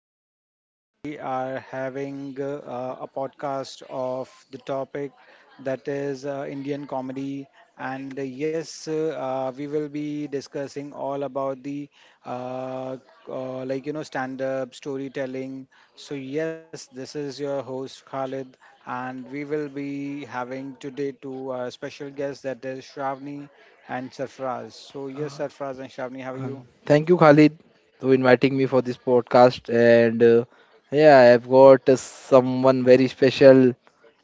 today we are having a podcast of the topic that is Indian comedy, and we will be discussing all about the uh, stand-up storytelling. So yes, this is your host Khalid, and we will be having today two special guests, that is Shravani and Sarfraz. So yes, Sarfraz and Shravani, how are you? Thank you, Khalid, for inviting me for this podcast. And yeah, I've got someone very special,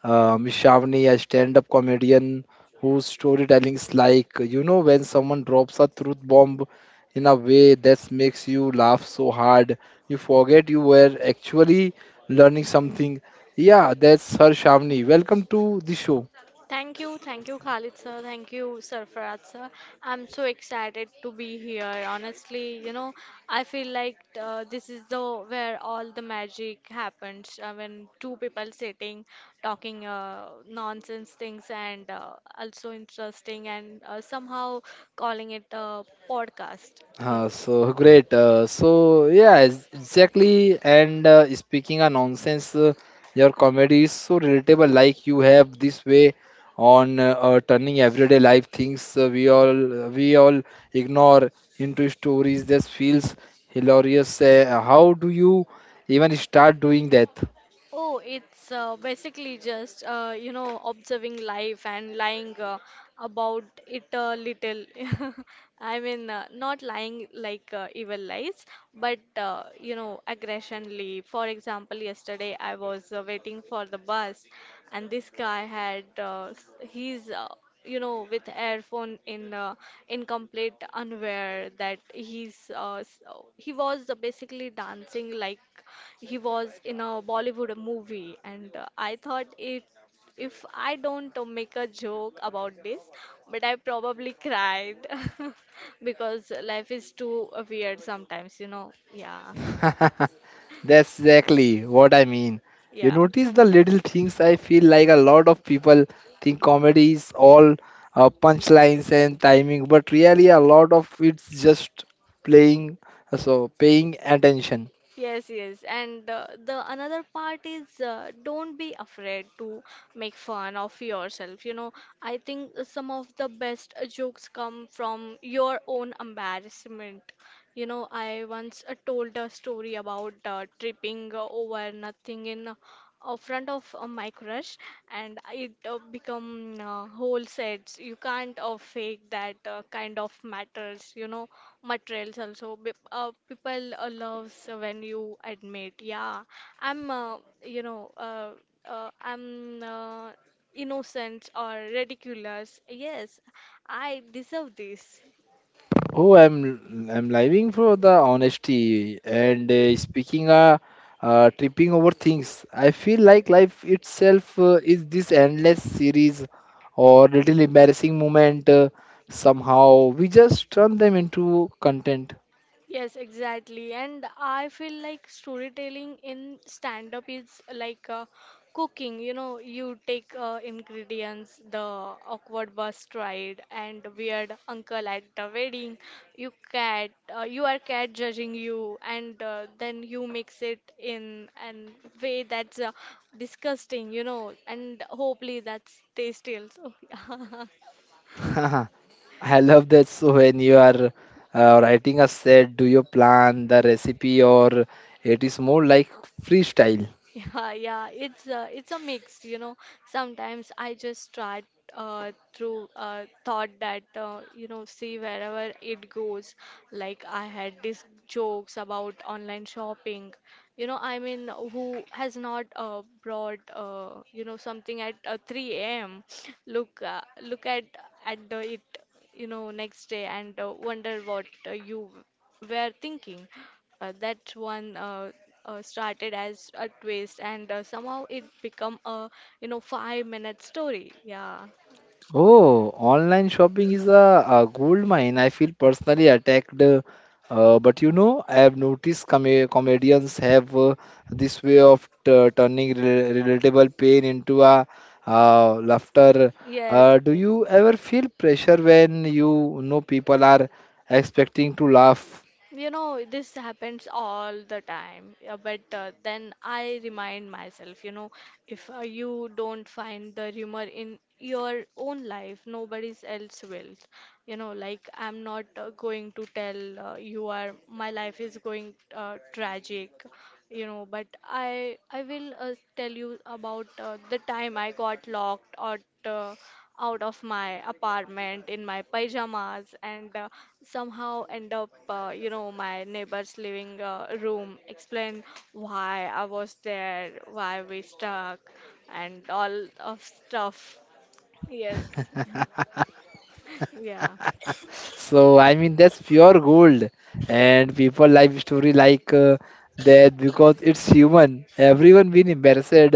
Miss Shavni, a stand-up comedian whose storytelling is like, you know, when someone drops a truth bomb in a way that makes you laugh so hard, you forget you were actually learning something. Yeah, that's her Shavni. Welcome to the show. Thank you, Khalid sir. Thank you, Sarfaraz sir. I'm so excited to be here. Honestly, you know, I feel like this is the where all the magic happens when two people sitting, talking nonsense things and also interesting and somehow calling it a podcast. Yes. So great. So yeah, exactly. And speaking of nonsense, your comedy is so relatable. Like you have this way on turning everyday life things we all ignore into stories that feels hilarious. How do you even start doing that? Oh, it's basically just you know observing life and lying about it a little. I mean, not lying like evil lies, but you know aggressionly. For example, yesterday I was waiting for the bus, and this guy had s- he's you know, with earphone in complete unaware that he was basically dancing like he was in a Bollywood movie, and I thought it. If I don't make a joke about this, but I probably cried because life is too weird sometimes, you know. Yeah, That's exactly what I mean. You yeah. notice the little things. I feel like a lot of people think comedy is all punchlines and timing, but really a lot of it's just playing, so paying attention. Yes, yes, and the another part is don't be afraid to make fun of yourself. You know, I think some of the best jokes come from your own embarrassment. You know, I once told a story about tripping over nothing in front of my crush and it become whole sets you can't fake that kind of matters you know materials also people loves when you admit yeah I'm you know I'm innocent or ridiculous, yes, I deserve this. Oh, I'm living for the honesty and speaking tripping over things. I feel like life itself is this endless series or little embarrassing moment. Somehow we just turn them into content. Yes, exactly. And I feel like storytelling in stand up is like cooking. You know, you take ingredients, the awkward bus ride, and weird uncle at the wedding. You are cat judging you, and then you mix it in an way that's disgusting. You know, and hopefully that's tasty also. I love that. So when you are writing a set, do you plan the recipe or it is more like freestyle? Yeah, yeah, it's a mix, you know. Sometimes I just try through thought that you know see wherever it goes. Like I had these jokes about online shopping. You know, I mean, who has not brought you know something at 3 a.m. Look, look at it you know next day and wonder what you were thinking. That one started as a twist, and somehow it become a you know 5 minute story. Yeah. Oh, online shopping is a gold mine. I feel personally attacked. But you know, I have noticed comedians have this way of turning relatable pain into a laughter. Yes. Do Yes. you ever feel pressure when you know people are expecting to laugh? You know, this happens all the time, but then I remind myself, you know, if you don't find the humor in your own life, nobody else will. You know, like I'm not going to tell you are, my life is going tragic you know but I will tell you about the time I got locked out out of my apartment in my pajamas and somehow end up you know my neighbor's living room explain why I was there why we stuck and all of stuff, yes. Yeah. So I mean that's pure gold, and people life story like that because it's human. Everyone been embarrassed.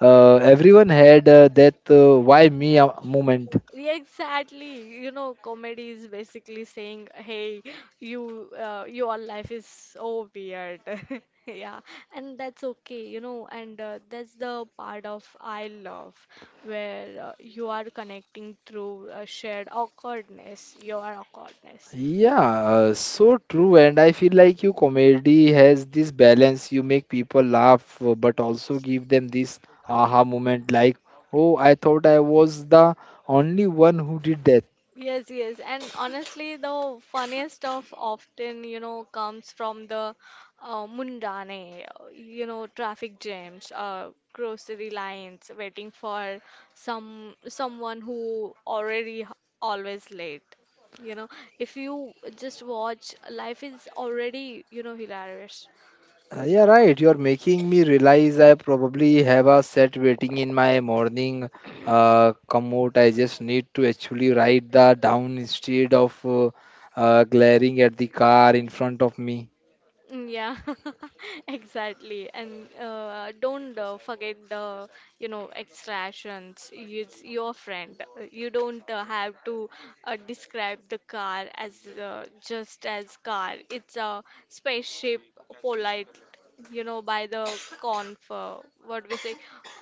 Everyone had that why me moment. Yeah, exactly. You know, comedy is basically saying, "Hey, you, your life is so weird." Yeah, and that's okay, you know, and that's the part of I love where you are connecting through shared awkwardness, your awkwardness. Yeah, so true. And I feel like you comedy has this balance. You make people laugh, but also give them this aha moment like, oh, I thought I was the only one who did that. Yes, yes. And honestly, the funniest stuff often, you know, comes from the mundane, you know, traffic jams, grocery lines, waiting for someone who already always late. You know, if you just watch, life is already, you know, hilarious. Yeah. Yeah, right. You're making me realize I probably have a set waiting in my morning commute. I just need to actually write that down instead of glaring at the car in front of me. Mm, yeah, exactly. And don't forget the, you know, extractions. It's your friend. You don't have to describe the car as just as car. It's a spaceship, polite, you know, by the conf, uh, what we say,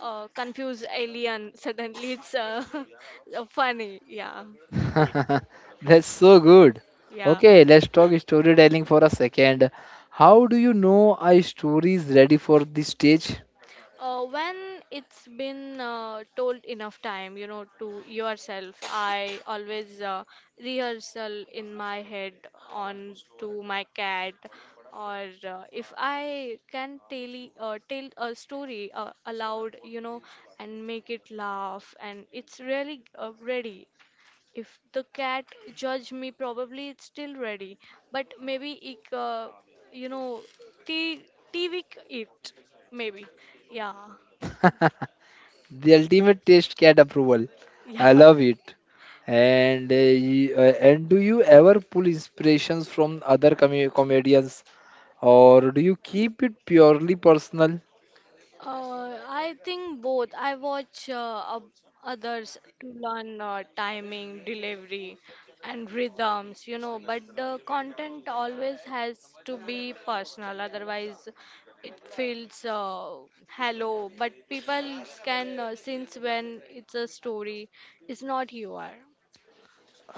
confused alien. Suddenly it's funny. Yeah, That's so good. yeah. Okay, let's talk storytelling for a second. How do you know a story is ready for the stage? When it's been told enough time, you know, to yourself, I always rehearsal in my head on to my cat, or if I can tell a story aloud, you know, and make it laugh, and it's really ready. If the cat judge me, probably it's still ready, but maybe it, you know, t TV it, maybe. Yeah, The ultimate taste cat approval. yeah. I love it. And do you ever pull inspirations from other comedians, or do you keep it purely personal? I think both. I watch ob- others to learn timing, delivery, and rhythms, you know, but the content always has to be personal, otherwise, it feels hollow. But people can sense when it's a story, it's not you are.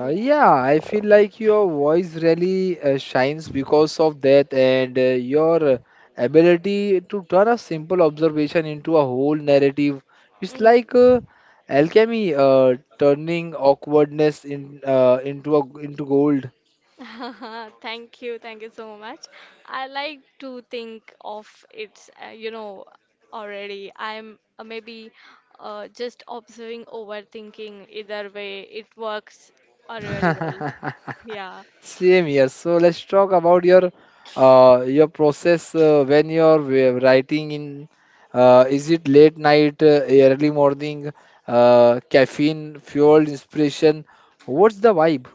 Yeah, I feel like your voice really shines because of that, and your ability to turn a simple observation into a whole narrative. It's Mm. like alchemy, turning awkwardness in into into gold. Thank you so much. I like to think of it's, you know, already. I'm maybe just observing, overthinking. Either way, it works really well. Yeah. Same here. So let's talk about your process when you're writing in. Is it late night, early morning, caffeine fueled inspiration? What's the vibe?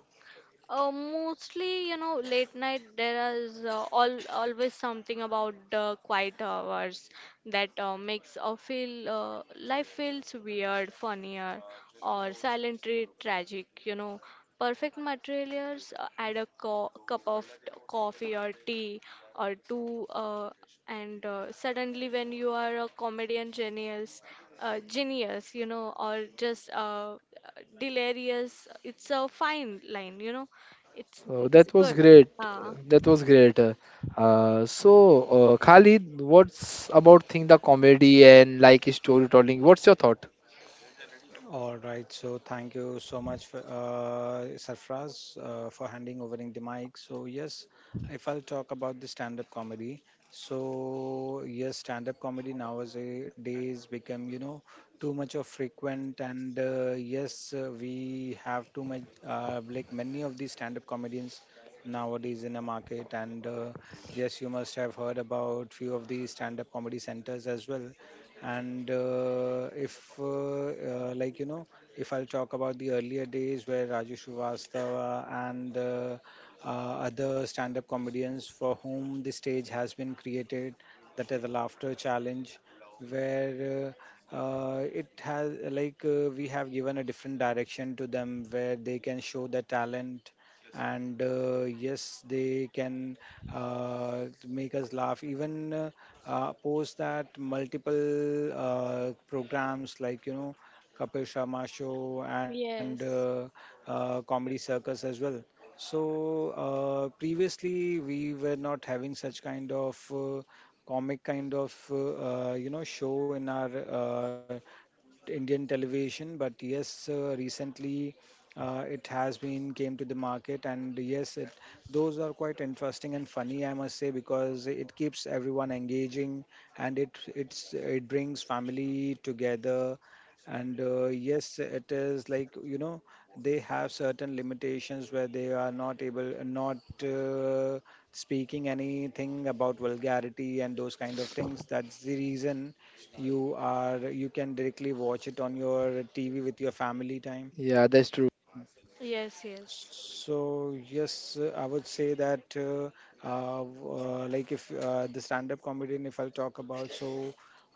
Mostly, you know, late night there is all always something about the quiet hours that makes a feel life feels weird, funnier, or silently tragic. You know, perfect materials add a co cup of coffee or tea or two, and suddenly when you are a comedian genius, genius, you know, or just delirious. It's a fine line, you know. It's Oh, that was good. great. Yeah. That was great. So Khalid, what's about thing the comedy and like storytelling? What's your thought? All right. So thank you so much, for, Sarfraz, for handing over in the mic. So yes, if I'll talk about the stand-up comedy, so yes, stand-up comedy nowadays become too much of frequent, and yes, we have too much like many of these stand-up comedians nowadays in the market, and yes, you must have heard about few of these stand-up comedy centers as well. And if uh, like you know if I'll talk about the earlier days, where Raju Shrivastava and other stand-up comedians, for whom the stage has been created, that is the Laughter Challenge, where it has we have given a different direction to them where they can show their talent. And yes, they can uh, make us laugh. Even post that, multiple programs like Kapil Sharma show and Yes. Comedy circus as well. So previously we were not having such kind of comic kind of show in our Indian television, but yes, recently it has been came to the market, and yes, it those are quite interesting and funny, I must say, because it keeps everyone engaging and it brings family together. And yes, it is they have certain limitations where they are not able, not uh, speaking anything about vulgarity and those kind of things. That's the reason you can directly watch it on your TV with your family time. Yeah, that's true. Yes, yes. So yes, I would say that like if the stand-up comedian, if I'll talk about, so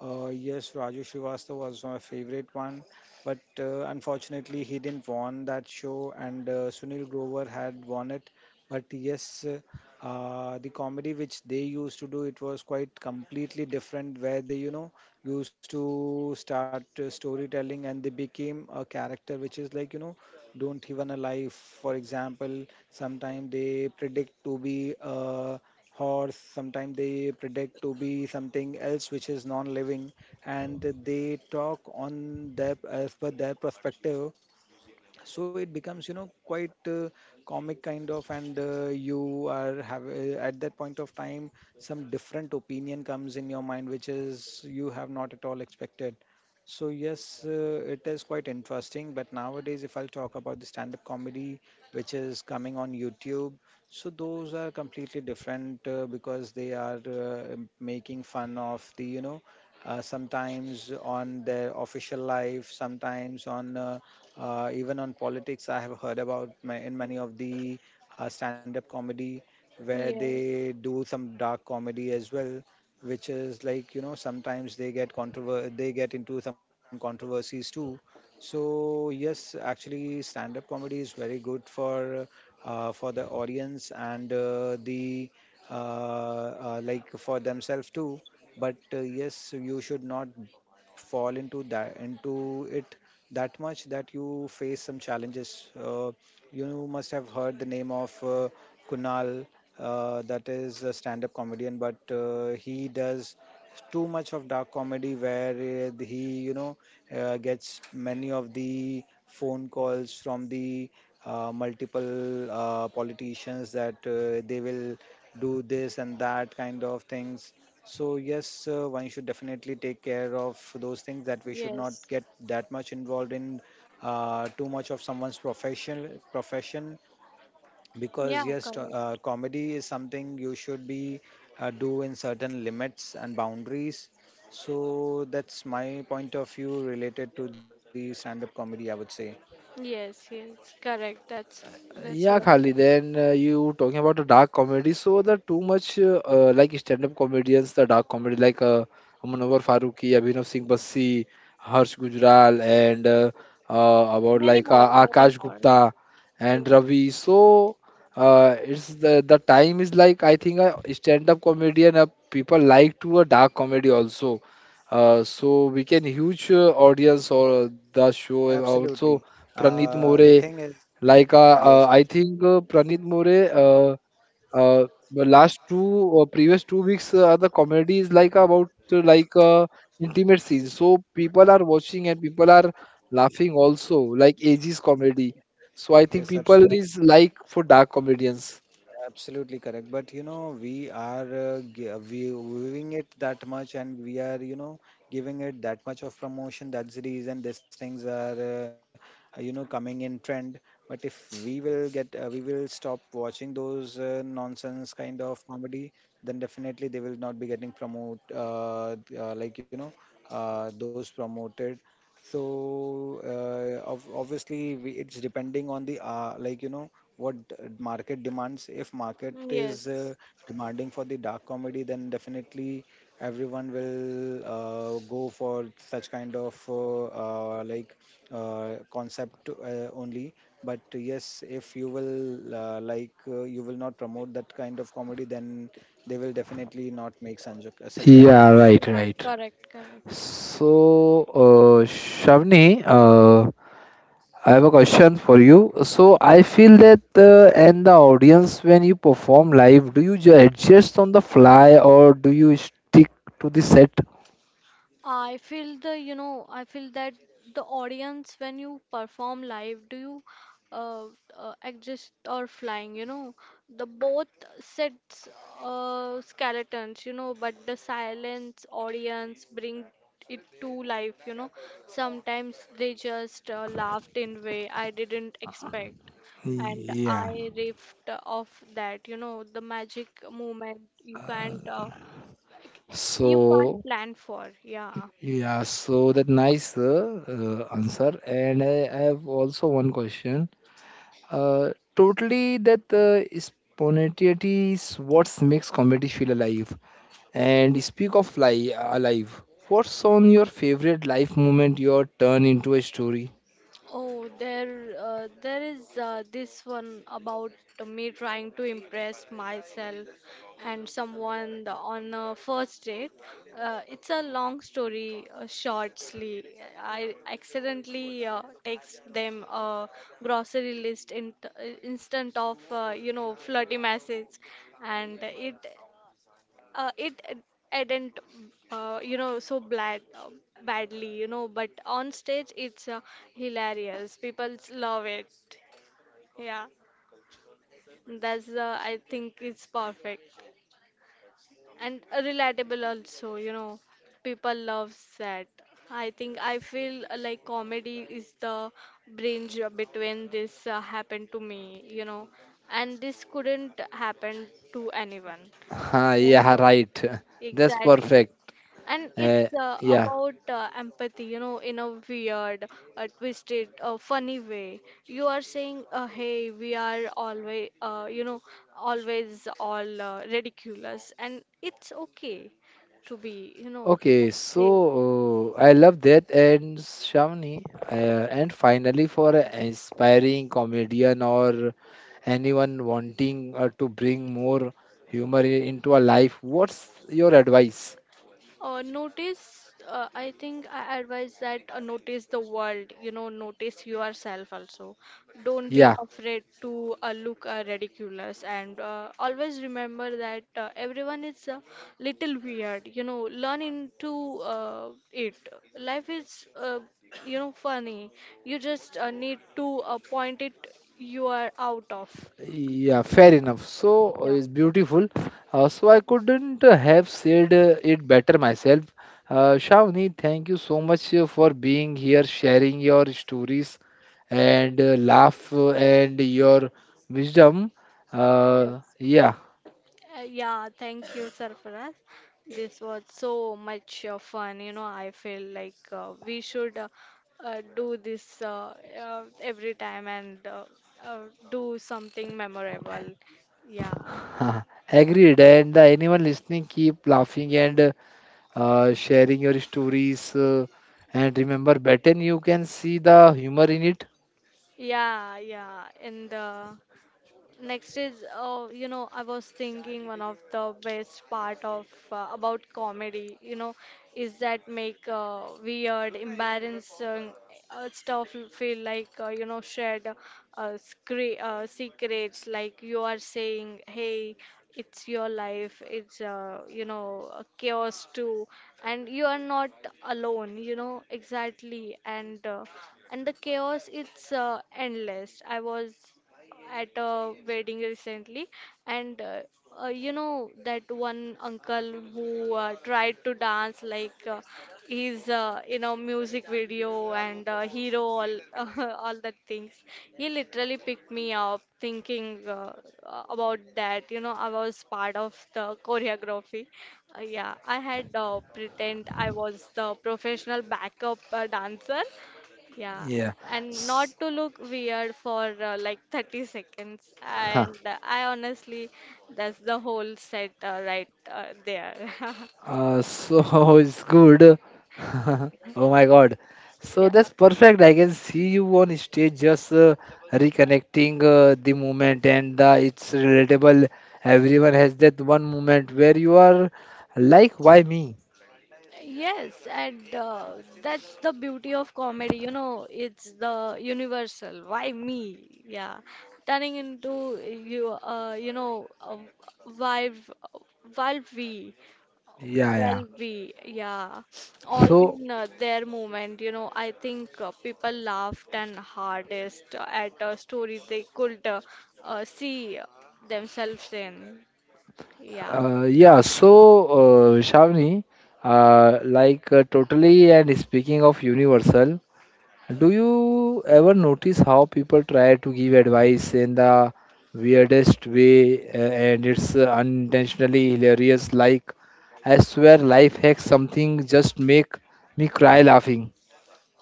yes, Raju Srivastava was my favorite one, but unfortunately he didn't won that show, and Sunil Grover had won it. But yes, the comedy which they used to do, it was quite completely different, where they used to start storytelling, and they became a character which is don't even alive. For example, sometimes they predict to be a horse, sometimes they predict to be something else which is non-living, and they talk on their as per their perspective. So it becomes quite comic kind of. And you are have at that point of time, some different opinion comes in your mind which is you have not at all expected. So yes, it is quite interesting, but nowadays if I'll talk about the stand up comedy which is coming on YouTube, so those are completely different, because they are making fun of the sometimes on their official life, sometimes on even on politics. I have heard about in many of the stand-up comedy where Yes. they do some dark comedy as well, which is sometimes they get controver they get into some controversies too. So yes, actually, stand-up comedy is very good for the audience and the like for themselves too. But yes, you should not fall into that, into it that much that you face some challenges. You must have heard the name of Kunal, that is a stand up comedian, but he does too much of dark comedy, where he, you know, gets many of the phone calls from the multiple politicians that they will do this and that kind of things. So yes, one should definitely take care of those things, that we should not Yes. get that much involved in too much of someone's professional profession, because Yeah, yes, correct. comedy is something you should be do in certain limits and boundaries. So that's my point of view related to the stand-up comedy, I would say. Yes, yes. Correct. That's Yeah, really Khalid, correct. then you talking about the dark comedy. So the too much like stand-up comedians, the dark comedy like Munawwar Farooqi, Abhinav Singh Bassi, Harsh Gujral, and about Many like more, many Akash more. Gupta and Yes. Ravi. So it's the time is like I think a stand-up comedian people like to a dark comedy also. So we can huge audience or the show also. Absolutely. Pranit The More. thing is, Like yes, I think Pranit More, the last two or previous 2 weeks, the comedy is like about intimate scenes. So people are watching and people are laughing also, like ages comedy. So I think yes, absolutely. people is like for dark comedians. Absolutely correct. But you know, we are we viewing it that much, and we are giving it that much of promotion. That's the reason these things are coming in trend. But if we will get we will stop watching those nonsense kind of comedy, then definitely they will not be getting promote like you know those promoted. So obviously we, it's depending on the what market demands. If market is Yes. Demanding for the dark comedy, then definitely everyone will go for such kind of concept only. But yes, if you will you will not promote that kind of comedy, then they will definitely not make such kind Yeah, of so, right, Yeah, right. correct, correct. So, Shavni, I have a question for you. So I feel that and the audience when you perform live, do you adjust on the fly or do you stick to the set? I feel the, you know, I feel that the audience when you perform live, do you uh, exist or flying, you know, the both sets skeletons, you know, but the silence audience bring it to life, you know. Sometimes they just laughed in way I didn't expect, and Yeah. I riffed off that, you know, the magic moment you can't. Like, you can't So plan for. Yeah. yeah, so that nice answer. And I have also one question. Uh, Totally that spontaneity is what makes comedy feel alive. And speak of fly alive, what's on your favorite life moment your turn into a story? There is this one about me trying to impress myself and someone on a first date. It's a long story, shortly. I accidentally text them a grocery list in, instant of, you know, flirty message, and it didn't you know so bad badly you know but on stage it's hilarious, people love it, yeah. That's I think it's perfect and relatable also, you know, people loves that. I think I feel like comedy is the bridge between this happened to me you know and this couldn't happen to anyone, Huh, you yeah, know, right. That's exactly. perfect. And Uh, it's yeah. about empathy, you know, in a weird, twisted, funny way. You are saying, "Hey, we are always, you know, always all ridiculous," and it's okay to be, you know, Okay, people say. so I love that and Shamni. And finally, for an aspiring comedian or anyone wanting to bring more humor into a life, what's your advice? I think I advise that notice the world, you know, notice yourself also. Don't be Yeah. afraid to look ridiculous and always remember that everyone is a little weird, you know, learn into it. Life is, you know, funny. You just need to point it you are out of. Yeah, fair enough. So Yeah. it's beautiful. So I couldn't have said it better myself. Shavni, thank you so much for being here, sharing your stories and laugh and your wisdom. Yes. Yeah, Yeah, thank you, Sarfaraz. This was so much fun. You know, I feel like we should do this every time and do something memorable. Yeah, agreed. And anyone listening, keep laughing and sharing your stories. And remember, better you can see the humor in it. yeah. In the next is, you know, I was thinking one of the best part of about comedy, you know, is that make weird, embarrassing stuff feel like you know shared scre secrets, like you are saying, hey, it's your life, it's you know a chaos too, and you are not alone, you know exactly, and the chaos it's endless. I was at a wedding recently and you know that one uncle who tried to dance like he's in a music video and hero all all that things, he literally picked me up thinking about that you know I was part of the choreography, yeah, I had pretend I was the professional backup dancer, yeah, Yeah. and not S- to look weird for like 30 seconds. And I honestly, that's the whole set right there. So it's good. Oh my God. So Yeah. that's perfect. I can see you on stage just reconnecting the moment and it's relatable. Everyone has that one moment where you are like, why me? Yes, and that's the beauty of comedy, you know, it's the universal. Why me? Yeah, turning into you, you know, why, why we? Yeah, yeah. Well, we, yeah, all So, in their moment, you know. I think people laughed and hardest at a story they could see themselves in. Yeah. Yeah, so Shavni, totally and speaking of universal, do you ever notice how people try to give advice in the weirdest way and it's unintentionally hilarious? Like, I swear, life hacks something just make me cry laughing.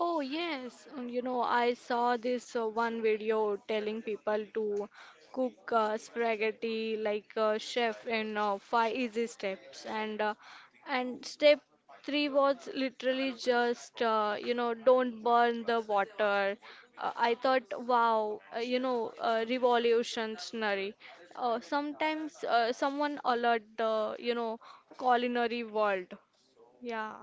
Oh, yes. You know, I saw this one video telling people to cook spaghetti like a chef in five easy steps, and and step three was literally just you know don't burn the water. I thought, wow, you know, revolutionary. Sometimes someone alert the you know culinary world. Yeah,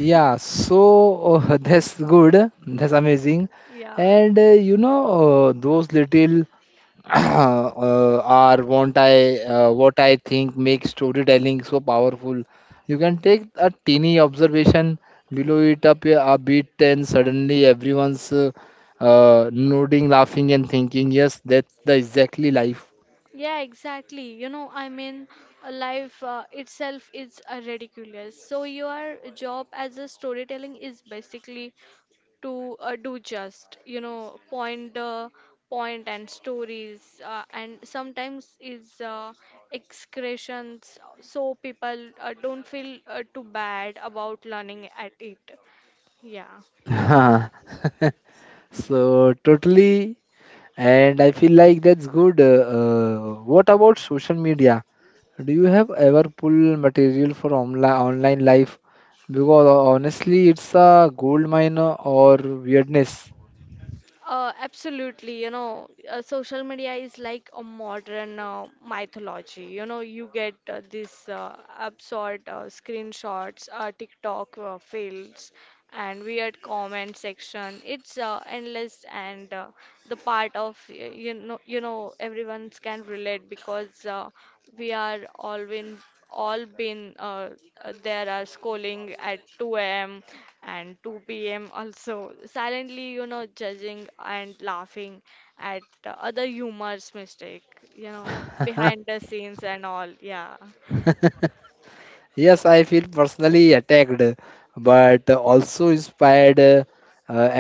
Yeah, so that's good. That's amazing. yeah. And you know, those little are what I think makes storytelling so powerful. You can take a teeny observation, blow it up a bit, and suddenly everyone's nodding, laughing, and thinking, "Yes, that's the exactly life." Yeah, exactly. You know, I mean, life itself is ridiculous. So your job as a storytelling is basically to do just, you know, point the point and stories, and sometimes is excretions, so people don't feel too bad about learning at it. Yeah. So totally, and I feel like that's good. What about social media? Do you have ever pulled material for online life? Because honestly, it's a gold mine or weirdness. Absolutely, you know, social media is like a modern mythology. You know, you get this absurd screenshots, TikTok fails, and weird comment section. It's endless, and the part of you know, everyone can relate because we are all in all been there are scrolling at 2 a.m and 2 p.m. also silently, you know, judging and laughing at the other humor's mistake, you know, behind the scenes and all. Yeah, yeah. Yes, I feel personally attacked, but also inspired.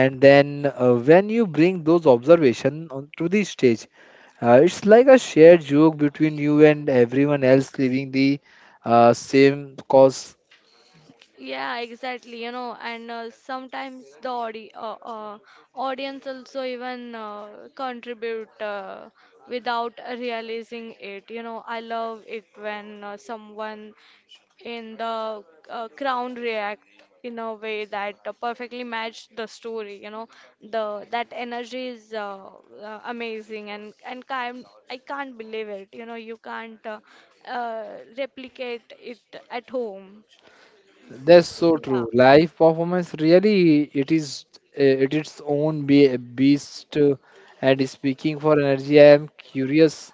And then when you bring those observations onto the stage, it's like a shared joke between you and everyone else living the same cause. Yeah, exactly. You know, and sometimes the audience also even contribute without realizing it. You know, I love it when someone in the crown react in a way that perfectly matched the story. You know, the that energy is amazing, and kind. I can't believe it. You know, you can't uh, replicate it at home. That's so Yeah. true. Live performance really it is it its own be beast. And speaking for energy, I am curious.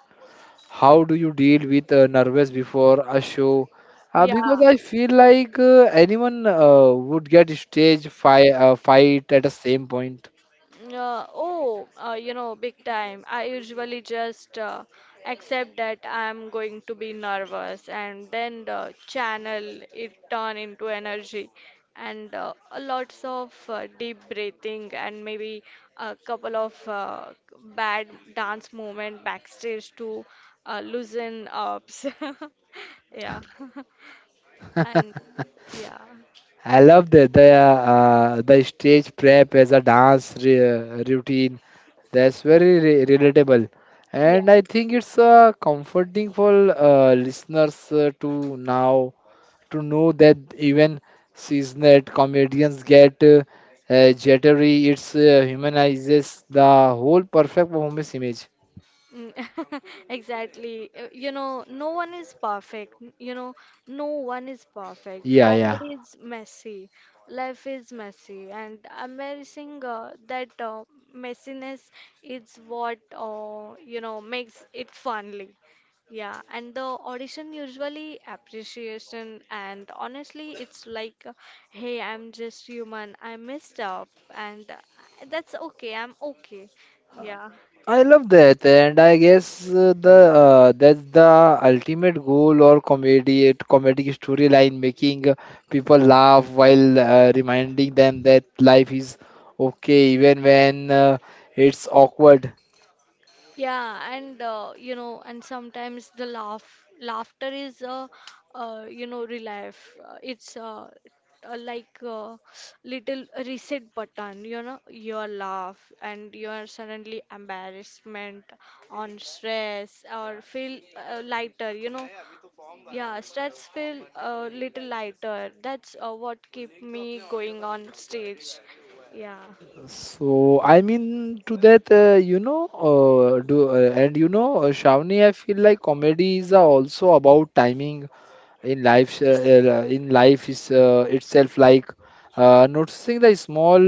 How do you deal with nervous before a show? Yeah. Because I feel like anyone would get stage fi fight at the same point. Oh, you know, big time. I usually just accept that I'm going to be nervous and then the channel it turn into energy and a lots of deep breathing and maybe a couple of bad dance movement backstage to loosen ups. Yeah. And yeah. I love that the stage prep as a dance routine. That's very relatable. And I Yes. think it's comforting for listeners to now to know that even seasoned comedians get jittery. It's humanizes the whole perfect performance image. Mm, Exactly. You know, no one is perfect. You know, no one is perfect. Yeah, yeah. Comedy is messy. Life is messy. And embracing that messiness is what, you know, makes it funly. Yeah. And the audition usually appreciation. And honestly, it's like, hey, I'm just human. I messed up. And that's okay. I'm okay. Yeah. I love that, and I guess the that's the ultimate goal or comedy comedic storyline, making people laugh while reminding them that life is okay even when it's awkward. Yeah, and you know, and sometimes the laughter is a, you know, relief. It's like a little reset button, you know, your laugh and your suddenly embarrassment on stress or feel lighter, you know. Yeah, stress feel a little lighter. That's what keep me going on stage. Yeah. So I mean to that, you know, Shravani, I feel like comedy is also about timing in life is itself like noticing the small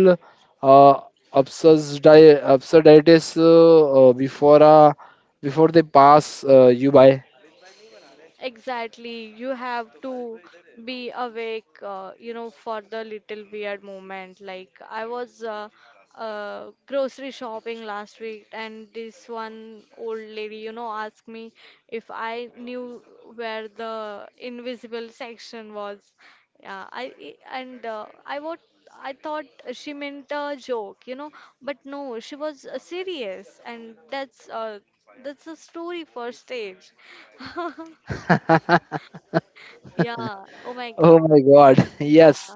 uh, absurdities before before they pass you by. Exactly. You have to be awake, you know, for the little weird moment. Like I was grocery shopping last week, and this one old lady, you know, asked me if I knew where the invisible section was. Yeah, I- and I what I thought she meant a joke, you know, but no, she was serious, and that's a story for stage. Yeah. Oh my Oh God. my god, yes. Yeah.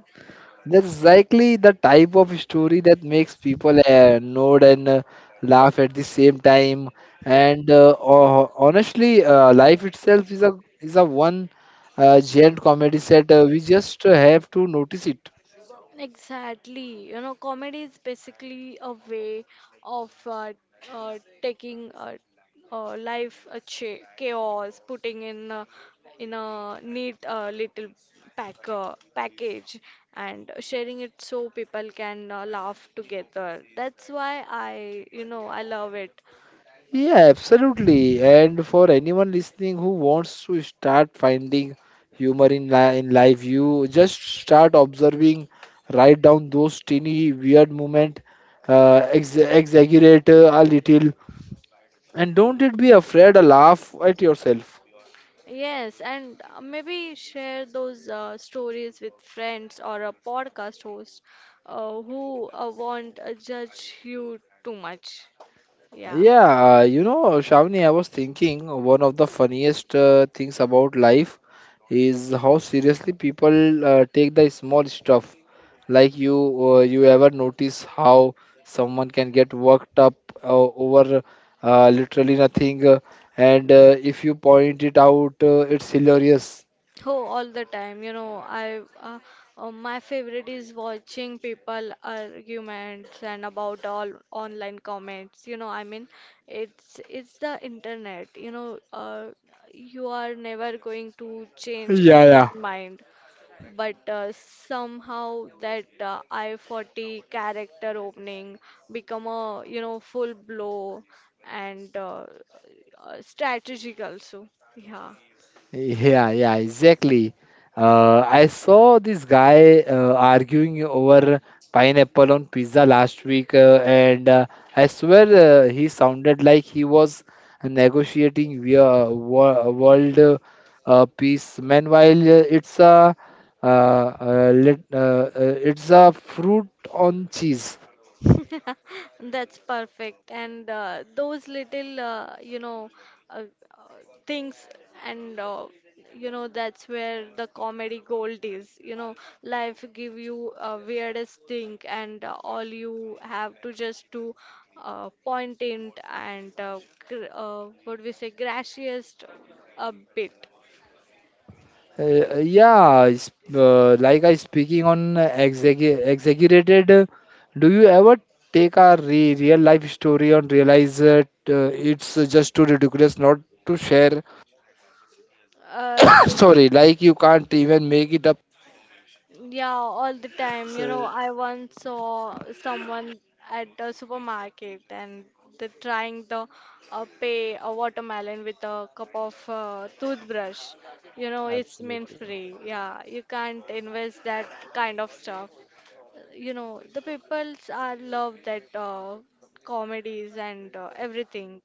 That's exactly the type of story that makes people nod and laugh at the same time. And honestly, life itself is a one giant comedy set. We just have to notice it. Exactly. You know, comedy is basically a way of taking life a chaos, putting in a neat little package, and sharing it so people can laugh together. That's why I, you know, I love it. Yeah, absolutely. And for anyone listening who wants to start finding humor in li in life, you just start observing, write down those teeny weird moment, ex exaggerate a little, and don't it be afraid to laugh at yourself. Yes, and maybe share those stories with friends or a podcast host who won't judge you too much. Yeah. Yeah, you know, Shavni, I was thinking one of the funniest things about life is how seriously people take the small stuff. You ever notice how someone can get worked up over literally nothing, and if you point it out, it's hilarious. Oh, all the time. You know, I my favorite is watching people arguments and about all online comments. You know, I mean, it's the internet. You know, you are never going to change Yeah, yeah, anyone's mind. But somehow that I-40 character opening become a, you know, full blow and strategic also. Yeah. yeah, yeah, exactly. I saw this guy arguing over pineapple on pizza last week, and I swear he sounded like he was negotiating via world peace. Meanwhile, it's a uh, uh, let, uh, uh, it's a fruit on cheese. That's perfect. And those little, uh, uh, things, and you know, that's where the comedy gold is. You know, life give you a weirdest thing, and all you have to just to point it and what we say, gracious a bit. Yeah, it's, like I speaking on exaggerated. Do you ever take a re real life story and realize that it's just too ridiculous not to share? Like. Sorry, like you can't even make it up. Yeah, all the time. You know, so I once saw someone at the supermarket and they're trying the pay a watermelon with a cup of toothbrush. You know, it's mint absolutely. free. Yeah, you can't invest that kind of stuff. You know, the peoples are love that comedies and everything.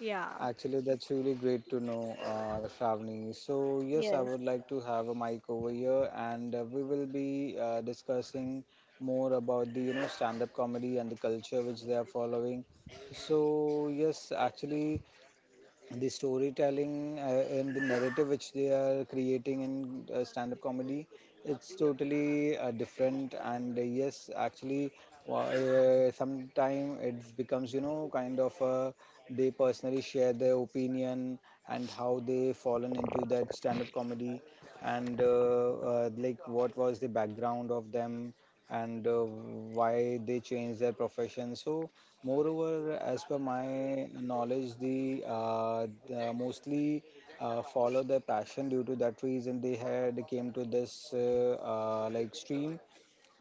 Yeah. Actually, that's really great to know, Shravani. So, yes, I Yes. would like to have a mic over here, and we will be discussing more about the stand-up comedy and the culture which they are following. So, yes, actually, the storytelling and the narrative which they are creating in stand-up comedy, it's totally different. And yes, actually, sometime it becomes kind of they personally share their opinion and how they fallen into that stand-up comedy, and like what was the background of them, and why they changed their profession. So moreover, as per my knowledge, the mostly follow their passion. Due to that reason, they had came to this like stream.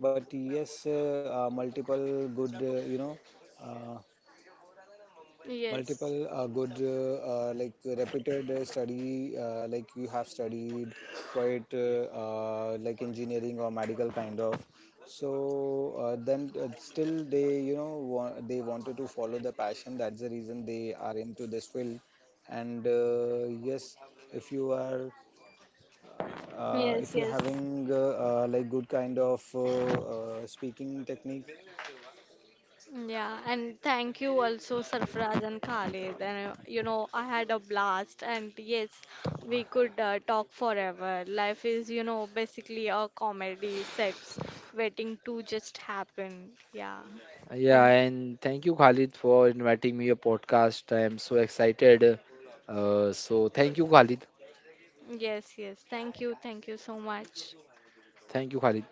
But yes, multiple good, uh, Yes. multiple good like repeated study, like you have studied quite like engineering or medical kind of. So then still they they wanted to follow the passion. That's the reason they are into this field. And yes, if you are if Yes, you're yes. having like good kind of speaking technique. Yeah, and thank you also, Sarfraz and Khalid. And you know, I had a blast, and yes, we could talk forever. Life is, you know, basically a comedy sets waiting to just happen. Yeah, Yeah, and and thank you, Khalid, for inviting me your podcast. I'm so excited. So thank you, Khalid. yes, yes, thank you so much. Thank you, Khalid,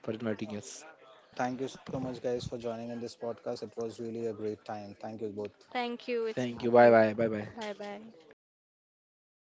for inviting us. All right, so thank you so much, guys, for joining in this podcast. It was really a great time. Thank you both. Thank you, it's Thank my you. Bye bye. pleasure. Bye bye. Bye bye.